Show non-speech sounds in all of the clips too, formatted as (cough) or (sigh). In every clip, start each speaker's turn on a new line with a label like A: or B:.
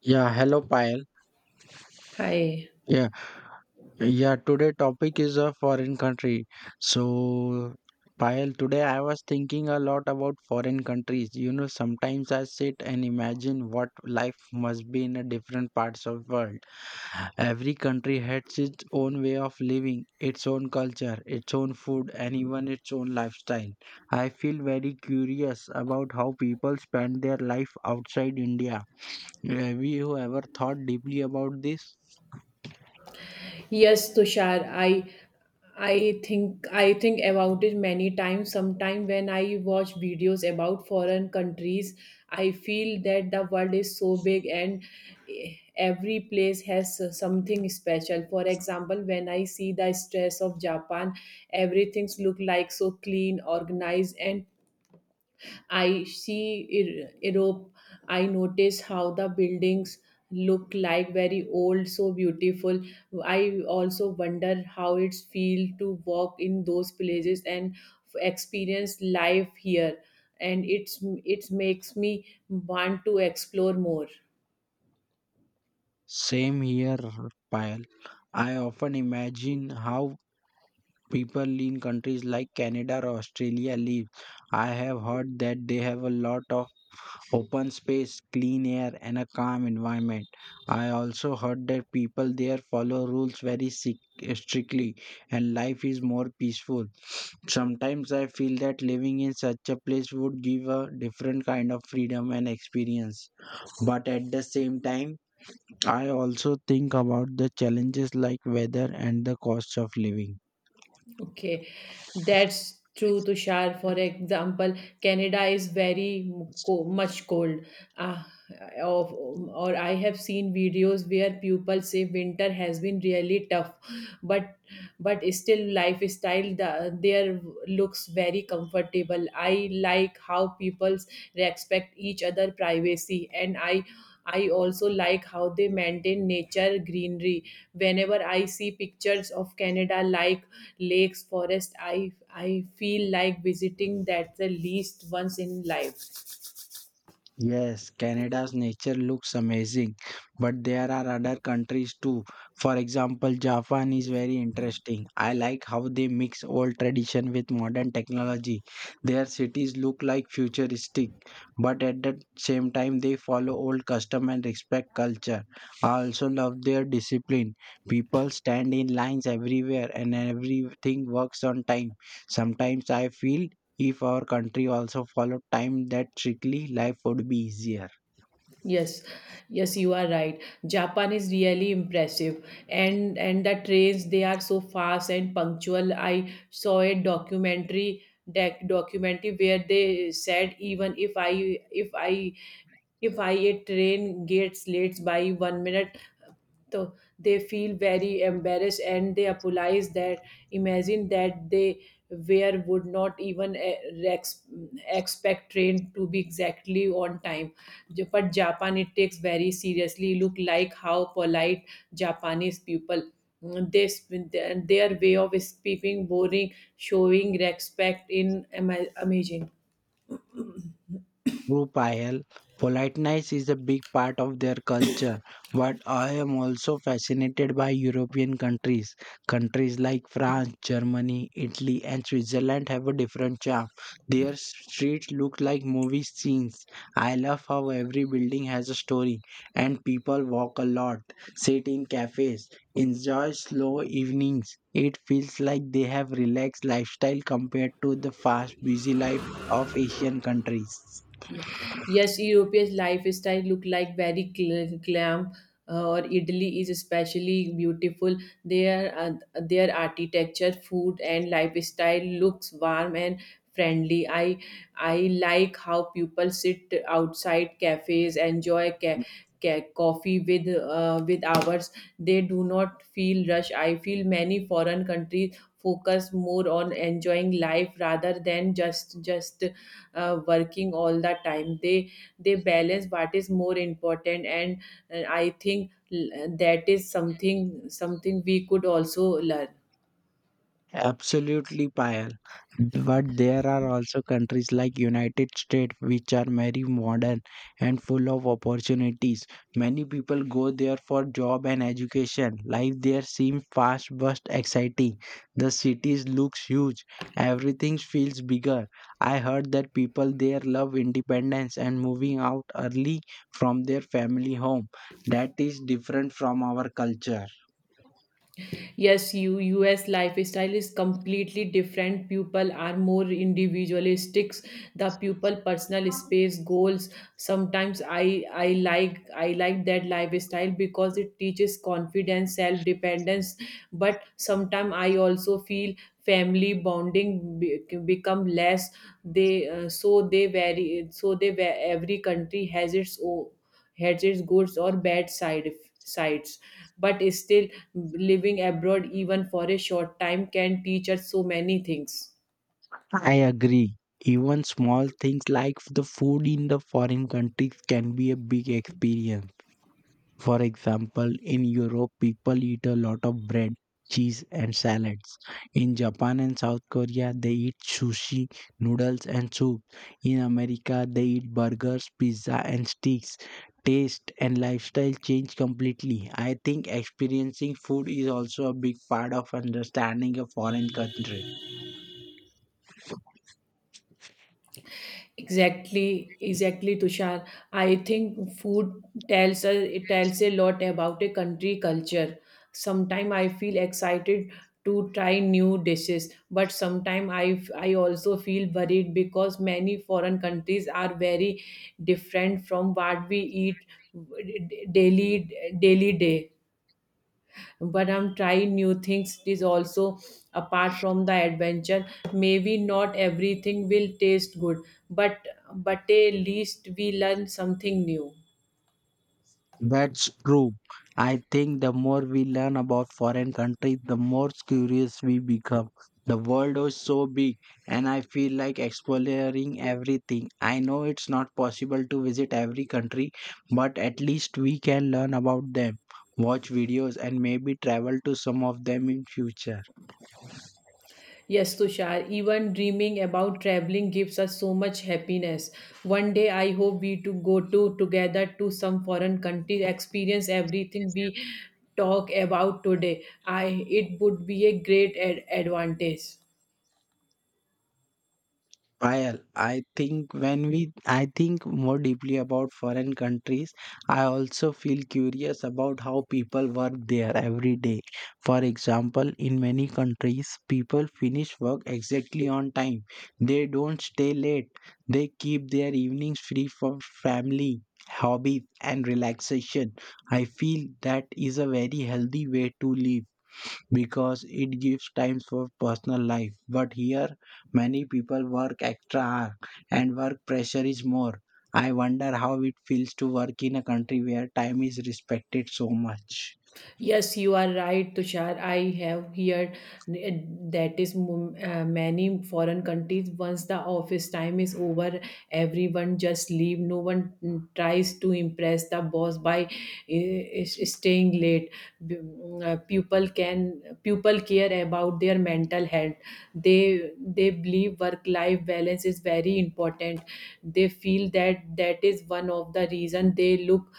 A: Yeah, hello Payal.
B: Hi.
A: Yeah, yeah, today topic is a foreign country. So Payal, today I was thinking a lot about foreign countries. You know, sometimes I sit and imagine what life must be in a different parts of world. Every country has its own way of living, its own culture, its own food, and even its own lifestyle. I feel very curious about how people spend their life outside India. Have you ever thought deeply about this?
B: Yes, Tushar, I think about it many times. Sometime when I watch videos about foreign countries, I feel that the world is so big, and every place has something special. For example, when I see the stress of Japan, everything's look like so clean, organized, and I see Europe, I notice how the buildings look like very old, so beautiful. I also wonder how it's feel to walk in those places and experience life here, and it makes me want to explore more.
A: Same here, Payal. I often imagine how people in countries like Canada or Australia live. I have heard that they have a lot of open space, clean air, and a calm environment. I also heard that people there follow rules very strictly and life is more peaceful. Sometimes I feel that living in such a place would give a different kind of freedom and experience. But at the same time, I also think about the challenges like weather and the cost of living.
B: (laughs) Okay, that's true, Tushar. For example, Canada is very much cold. Uh, or I have seen videos where people say winter has been really tough, but still lifestyle there looks very comfortable. I like how people respect each other privacy, and I also like how they maintain nature greenery. Whenever I see pictures of Canada, like lakes, forest, I feel like visiting that the least once in life.
A: Yes, Canada's nature looks amazing, but there are other countries too. For example, Japan is very interesting. I like how they mix old tradition with modern technology. Their cities look like futuristic, but at the same time they follow old custom and respect culture. I also love their discipline. People stand in lines everywhere and everything works on time. Sometimes I feel if our country also followed time that strictly, life would be easier.
B: Yes, yes, you are right. Japan is really impressive, and the trains, they are so fast and punctual. I saw a documentary, documentary where they said, even if I if I If I a train gets late by 1 minute, so they feel very embarrassed, and they apologize that. Imagine that they were would not even ex- expect train to be exactly on time. But Japan it takes very seriously. Look like how polite Japanese people, this their way of speaking boring, showing respect in amazing.
A: True, Payal. Politeness is a big part of their culture, but I am also fascinated by European countries. Countries like France, Germany, Italy, and Switzerland have a different charm. Their streets look like movie scenes. I love how every building has a story, and people walk a lot, sit in cafes, enjoy slow evenings. It feels like they have relaxed lifestyle compared to the fast, busy life of Asian countries.
B: Ye- Yes, European lifestyle look like very glam. Or Italy is especially beautiful. Their uh, their architecture, food, and lifestyle looks warm and friendly. I like how people sit outside cafes, enjoy coffee with hours. They do not feel rush. I feel many foreign countries focus more on enjoying life rather than just working all the time. They balance what is more important, and I think that is something we could also learn.
A: Absolutely, Payal. But there are also countries like United States which are very modern and full of opportunities. Many people go there for job and education. Life there seems fast but exciting. The cities looks huge. Everything feels bigger. I heard that people there love independence and moving out early from their family home. That is different from our culture.
B: Yes, you US lifestyle is completely different. People are more individualistic, the people personal space goals. Sometimes I like that lifestyle because it teaches confidence, self dependence. But sometimes I also feel family bonding become less. They so they vary so they va- Every country has its own, has its good or bad sides. But still, living abroad, even for a short time, can teach us so many things.
A: I agree. Even small things like the food in the foreign countries can be a big experience. For example, in Europe, people eat a lot of bread, cheese, and salads. In Japan and South Korea, they eat sushi, noodles, and soup. In America, they eat burgers, pizza, and steaks. Taste and lifestyle change completely. I think experiencing food is also a big part of understanding a foreign country.
B: Exactly, exactly, Tushar. I think food tells us, it tells a lot about a country culture. Sometimes I feel excited to try new dishes, but sometimes I also feel worried because many foreign countries are very different from what we eat daily, daily day. But I'm trying new things, it is also apart from the adventure. Maybe not everything will taste good, but at least we learn something new.
A: That's true. I think the more we learn about foreign countries, the more curious we become. The world is so big, and I feel like exploring everything. I know it's not possible to visit every country, but at least we can learn about them, watch videos, and maybe travel to some of them in future.
B: Yes, Tushar, even dreaming about traveling gives us so much happiness. One day I hope we to go to together to some foreign country, experience everything we talk about today. I it would be a great advantage.
A: Well, I think I think more deeply about foreign countries, I also feel curious about how people work there every day. For example, in many countries, people finish work exactly on time. They don't stay late. They keep their evenings free for family, hobbies, and relaxation. I feel that is a very healthy way to live because it gives time for personal life. But here, many people work extra hours and work pressure is more. I wonder how it feels to work in a country where time is respected so much.
B: Yes, you are right, Tushar. I have heard that is many foreign countries, once the office time is over, everyone just leave. No one tries to impress the boss by staying late. People care about their mental health. They believe work life balance is very important. They feel that that is one of the reason they look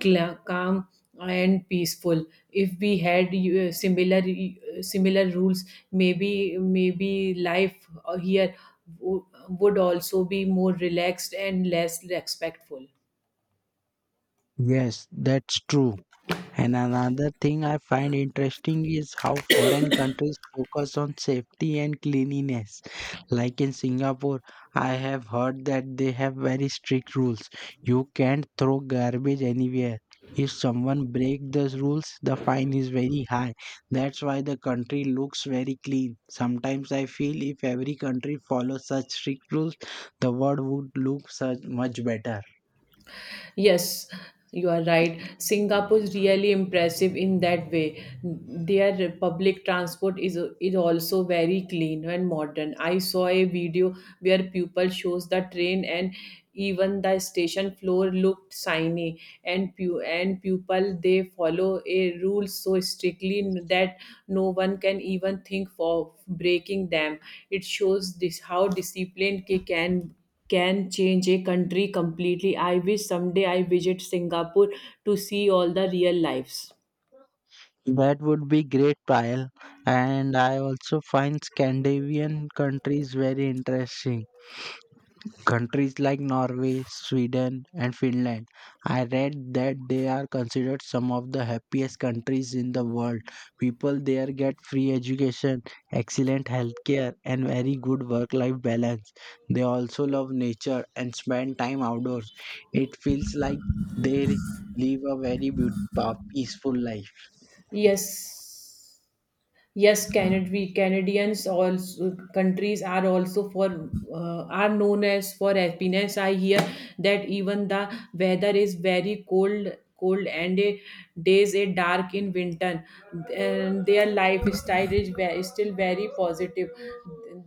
B: calm and peaceful. If we had similar rules, maybe life here would also be more relaxed and less respectful.
A: Yes, that's true. And another thing I find interesting is how foreign countries focus on safety and cleanliness. Like in Singapore, I have heard that they have very strict rules. You can't throw garbage anywhere. If someone breaks those rules, the fine is very high. That's why the country looks very clean. Sometimes I feel if every country follows such strict rules, the world would look such much better.
B: Yes, you are right. Singapore is really impressive in that way. Their public transport is also very clean and modern. I saw a video where people shows the train, and even the station floor looked shiny and and people they follow a rule so strictly that no one can even think of breaking them. It shows this, how disciplined they can change a country completely. I wish someday I visit Singapore to see all the real lives.
A: That would be great, Payal. And I also find Scandinavian countries very interesting. Countries like Norway, Sweden, and Finland. I read that they are considered some of the happiest countries in the world. People there get free education, excellent healthcare, and very good work life balance. They also love nature and spend time outdoors. It feels like they live a very beautiful, peaceful life.
B: Yes, yes, Canadians also countries are also for are known as for happiness. I hear that even the weather is very cold, cold, and days are dark in winter, and their lifestyle is still very positive.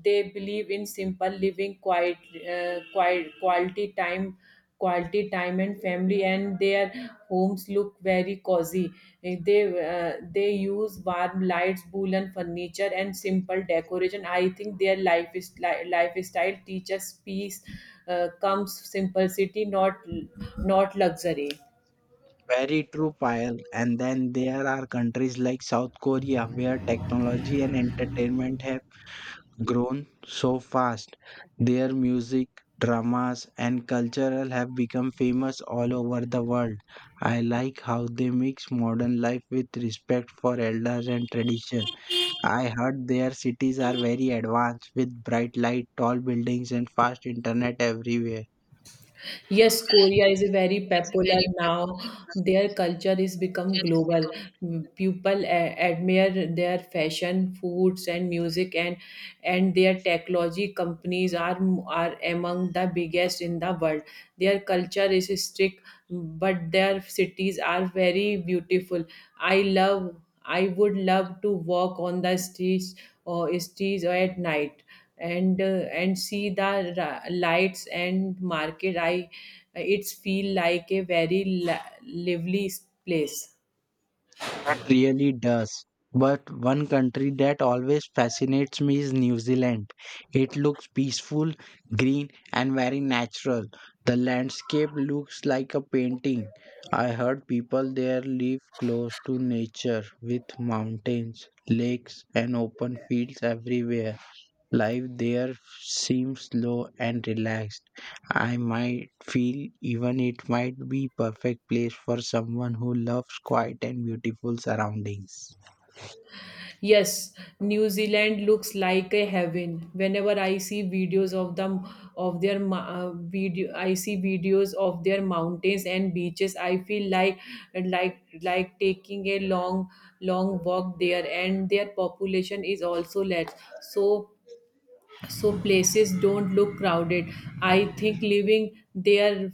B: They believe in simple living, quiet quality time, and family, and their homes look very cozy. They use warm lights, woolen furniture, and simple decoration. I think their lifestyle teaches peace, comes simplicity, not luxury.
A: Very true, Payal. And then there are countries like South Korea where technology and entertainment have grown so fast. Their music, dramas, and cultural have become famous all over the world. I like how they mix modern life with respect for elders and tradition. I heard their cities are very advanced with bright light, tall buildings, and fast internet everywhere.
B: Yes, Korea is a very popular now. Their culture is become global. People admire their fashion, foods, and music, and their technology companies are among the biggest in the world. Their culture is strict, but their cities are very beautiful. I love. I would love to walk on the streets, or streets at night, and see the lights and market. I it's feel like a very lively place.
A: It really does. But one country that always fascinates me is New Zealand. It looks peaceful, green, and very natural. The landscape looks like a painting. I heard people there live close to nature with mountains, lakes, and open fields everywhere. Life there seems slow and relaxed. I might feel even it might be perfect place for someone who loves quiet and beautiful surroundings.
B: Yes, New Zealand looks like a heaven. Whenever I see videos of them, of their video, I see videos of their mountains and beaches, I feel like, like taking a long, walk there. And their population is also less, so so places don't look crowded. I think living there,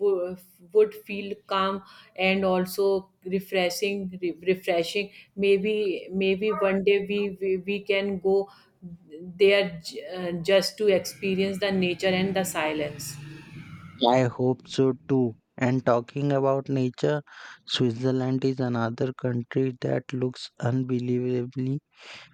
B: w- would feel calm and also refreshing, refreshing. Maybe one day we can go there, just to experience the nature and the silence.
A: I hope so too. And talking about nature, Switzerland is another country that looks unbelievably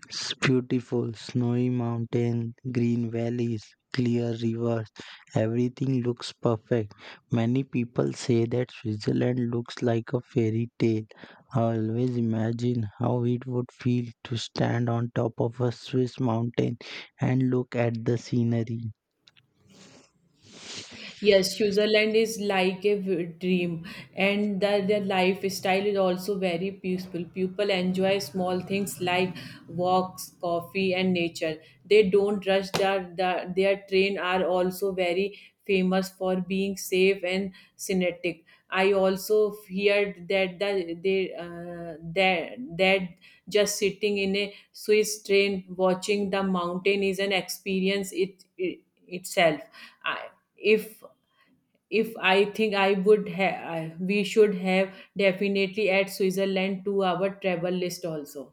A: it's beautiful, snowy mountains, green valleys, clear rivers, everything looks perfect. Many people say that Switzerland looks like a fairy tale. I always imagine how it would feel to stand on top of a Swiss mountain and look at the scenery.
B: Yes, Switzerland is like a dream, and their lifestyle is also very peaceful. People enjoy small things like walks, coffee, and nature. They don't rush. Their train are also very famous for being safe and synthetic. I also heard that that just sitting in a Swiss train, watching the mountain, is an experience it itself. I, if I think I would have, we should have definitely add Switzerland to our travel list also.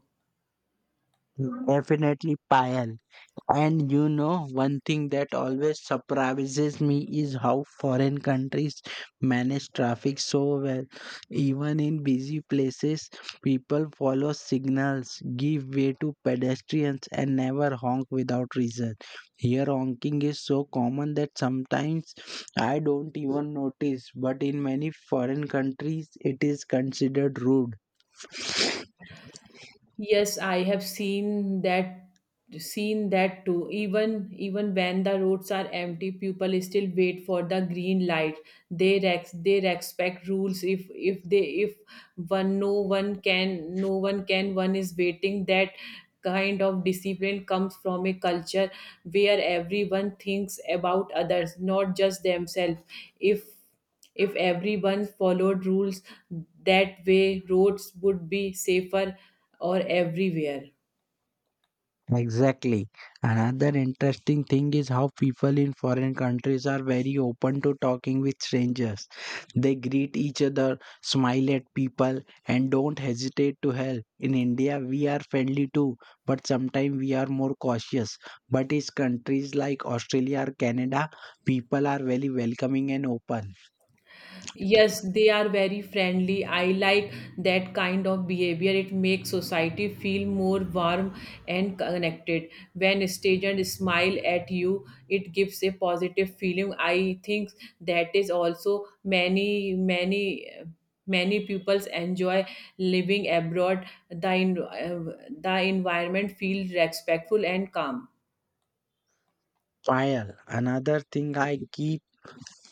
A: Definitely, Payal. And you know, one thing that always surprises me is how foreign countries manage traffic so well. Even in busy places, people follow signals, give way to pedestrians, and never honk without reason. Here, honking is so common that sometimes I don't even notice, but in many foreign countries, it is considered rude.
B: Yes, I have seen that, too. Even when the roads are empty, people still wait for the green light. They respect rules. If they, if one, no one can, no one can, one is waiting. That kind of discipline comes from a culture where everyone thinks about others, not just themselves. If if everyone followed rules that way, roads would be safer or everywhere.
A: Exactly. Another interesting thing is how people in foreign countries are very open to talking with strangers. They greet each other, smile at people, and don't hesitate to help. In India, we are friendly too, but sometimes we are more cautious. But in countries like Australia or Canada, people are very welcoming and open.
B: Yes, they are very friendly. I like that kind of behavior. It makes society feel more warm and connected. When strangers smile at you, it gives a positive feeling. I think that is also many people enjoy living abroad. The environment feels respectful and calm.
A: Fire. Another thing I keep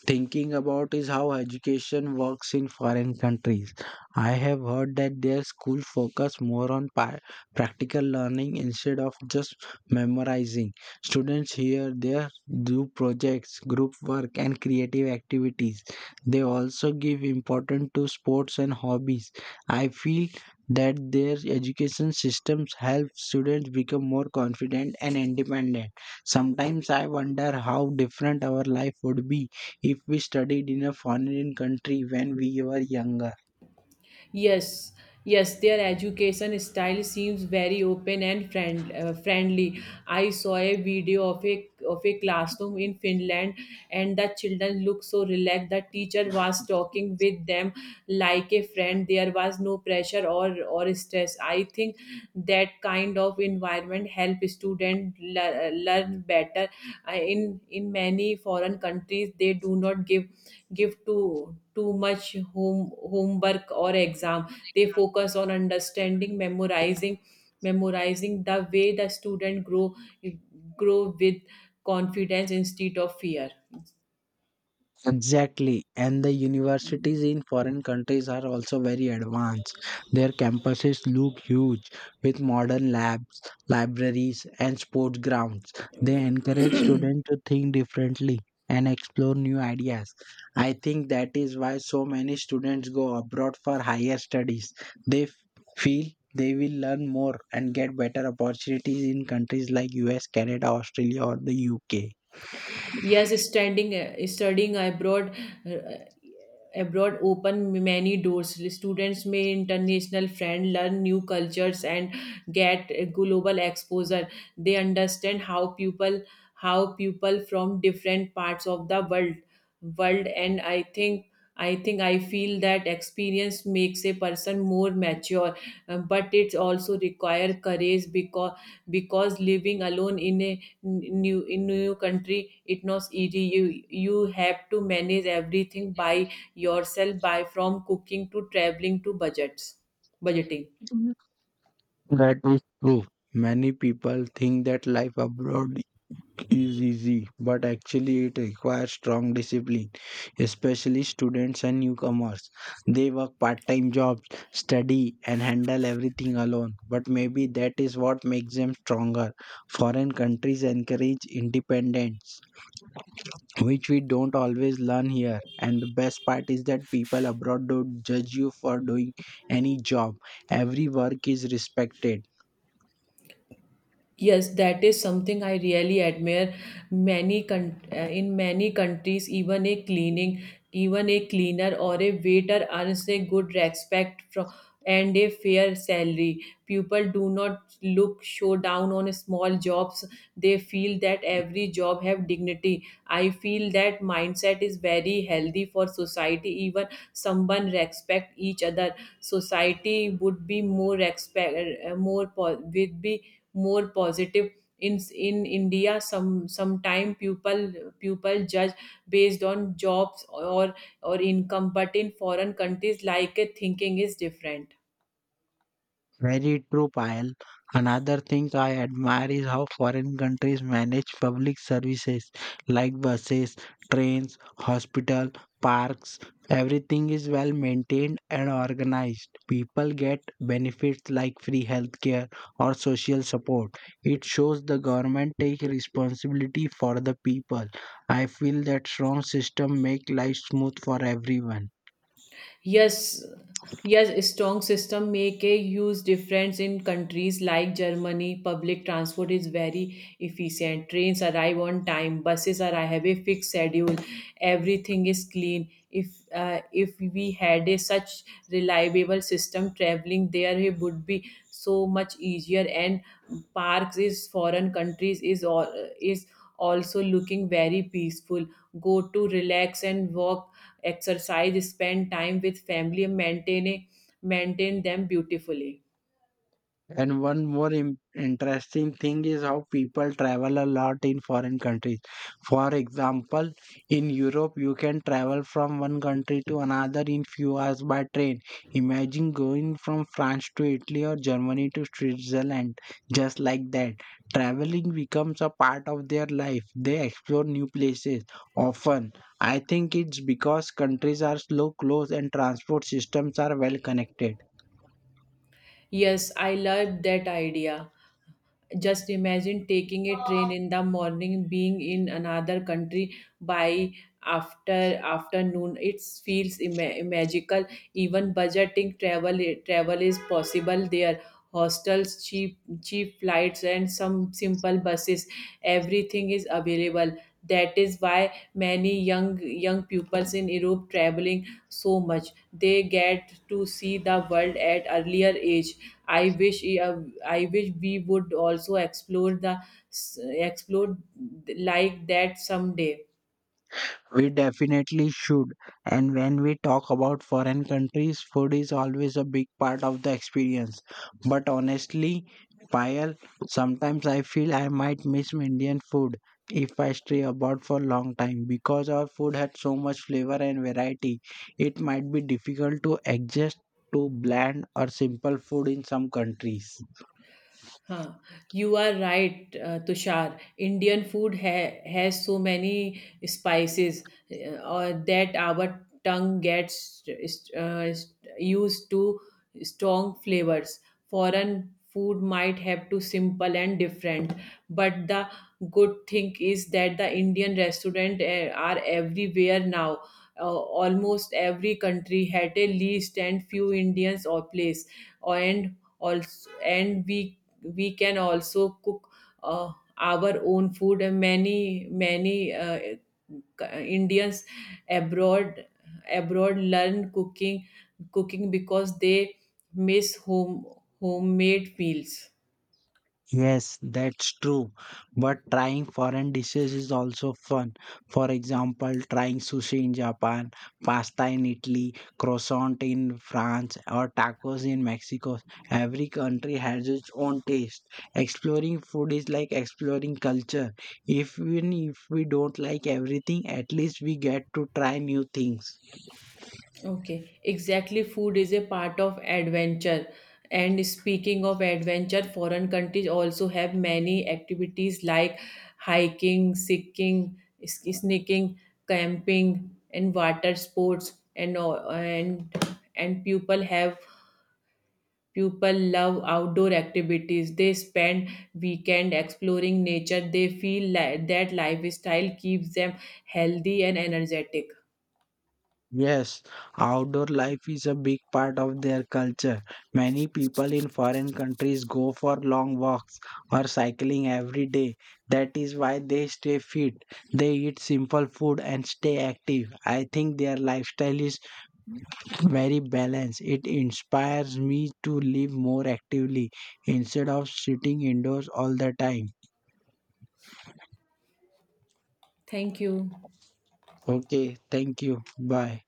A: thinking about is how education works in foreign countries. I have heard that their school focus more on practical learning instead of just memorizing. Students here there do projects, group work and creative activities. They also give importance to sports and hobbies. I feel that their education systems help students become more confident and independent. Sometimes I wonder how different our life would be if we studied in a foreign country when we were younger.
B: Yes, yes, their education style seems very open and friendly. I saw a video of a classroom in Finland, and the children looked so relaxed. The teacher was talking with them like a friend. There was no pressure or stress. I think that kind of environment help students learn better. In many foreign countries, they do not give too much homework or exam. They focus on understanding, memorizing, the way the student grow with confidence instead of fear.
A: Exactly. And the universities in foreign countries are also very advanced. Their campuses look huge with modern labs, libraries, and sports grounds. They encourage students to think differently and explore new ideas. I think that is why so many students go abroad for higher studies. They feel they will learn more and get better opportunities in countries like US, Canada, Australia, or the UK.
B: Yes, standing, studying abroad, uh, abroad open many doors. Students may international friend, learn new cultures, and get global exposure. They understand how people from different parts of the world, and I think. I feel that experience makes a person more mature. But it's also require courage because living alone in a new country, it's not easy. You have to manage everything by yourself, by from cooking to traveling to budgets budgeting.
A: That is true. Many people think that life abroad is easy, but actually it requires strong discipline, especially students and newcomers. They work part-time jobs, study, and handle everything alone. But maybe that is what makes them stronger. Foreign countries encourage independence, which we don't always learn here. And the best part is that people abroad don't judge you for doing any job. Every work is respected
B: Yes, that is something I really admire. In many countries, even a cleaner or a waiter earns a good respect from, and a fair salary. People do not look show down on small jobs. They feel that every job have dignity. I feel that mindset is very healthy for society. Even someone respect each other. Society would be more respect, more po- would be more positive. In India, sometime people judge based on jobs or income, but in foreign countries, thinking is different.
A: very true, Payal. Another thing I admire is how foreign countries manage public services like buses, trains, hospital, parks. Everything is well maintained and organized. People get benefits like free healthcare or social support. It shows the government take responsibility for the people. I feel that strong system make life smooth for everyone.
B: Yes, yes, a strong system make a huge difference in countries like Germany. Public transport is very efficient. Trains arrive on time. Buses are have a fixed schedule. Everything is clean. If we had a such reliable system, traveling there, it would be so much easier. And parks is foreign countries is also looking very peaceful. Go to relax and walk, exercise, spend time with family, and maintain them beautifully.
A: And one more interesting thing is how people travel a lot in foreign countries. For example, in Europe, you can travel from one country to another in few hours by train. Imagine going from France to Italy or Germany to Switzerland, just like that. Traveling becomes a part of their life. They explore new places often. I think it's because countries are so close and transport systems are well connected.
B: Yes, I love that idea. Just imagine taking a train in the morning, being in another country by after afternoon. It feels magical. Even budgeting travel is possible there. Hostels, cheap flights, and some simple buses. Everything is available. That is why many young pupils in Europe traveling so much. They get to see the world at earlier age. I wish eh, uh, I wish we would also explore like that someday.
A: We definitely should. And when we talk about foreign countries, food is always a big part of the experience. But honestly, Payal, sometimes I feel I might miss Indian food if I stay abroad for a long time because our food had so much flavor and variety. It might be difficult to adjust to bland or simple food in some countries.
B: Huh. You are right, Tushar. Indian food has so many spices, or that our tongue gets uh, used to strong flavors. Foreign food might have to simple and different, but the good thing is that the Indian restaurant are everywhere now. Uh, Almost every country had a least and few Indians or place, and also and we can also cook, uh, our own food. And many indians abroad abroad learn cooking because they miss homemade meals.
A: Yes, that's true. But trying foreign dishes is also fun. For example, trying sushi in Japan, pasta in Italy, croissant in France, or tacos in Mexico. Every country has its own taste. Exploring food is like exploring culture. Even if we don't like everything, at least we get to try new things.
B: Okay, exactly. Food is a part of adventure. And speaking of adventure, foreign countries also have many activities like hiking, seeking, sneaking, camping, and water sports. And all- and people love outdoor activities. They spend weekend exploring nature. They feel that lifestyle keeps them healthy and energetic.
A: Yes, outdoor life is a big part of their culture. Many people in foreign countries go for long walks or cycling every day. That is why they stay fit. They eat simple food and stay active. I think their lifestyle is very balanced. It inspires me to live more actively instead of sitting indoors all the time.
B: Thank you.
A: Okay, thank you. Bye.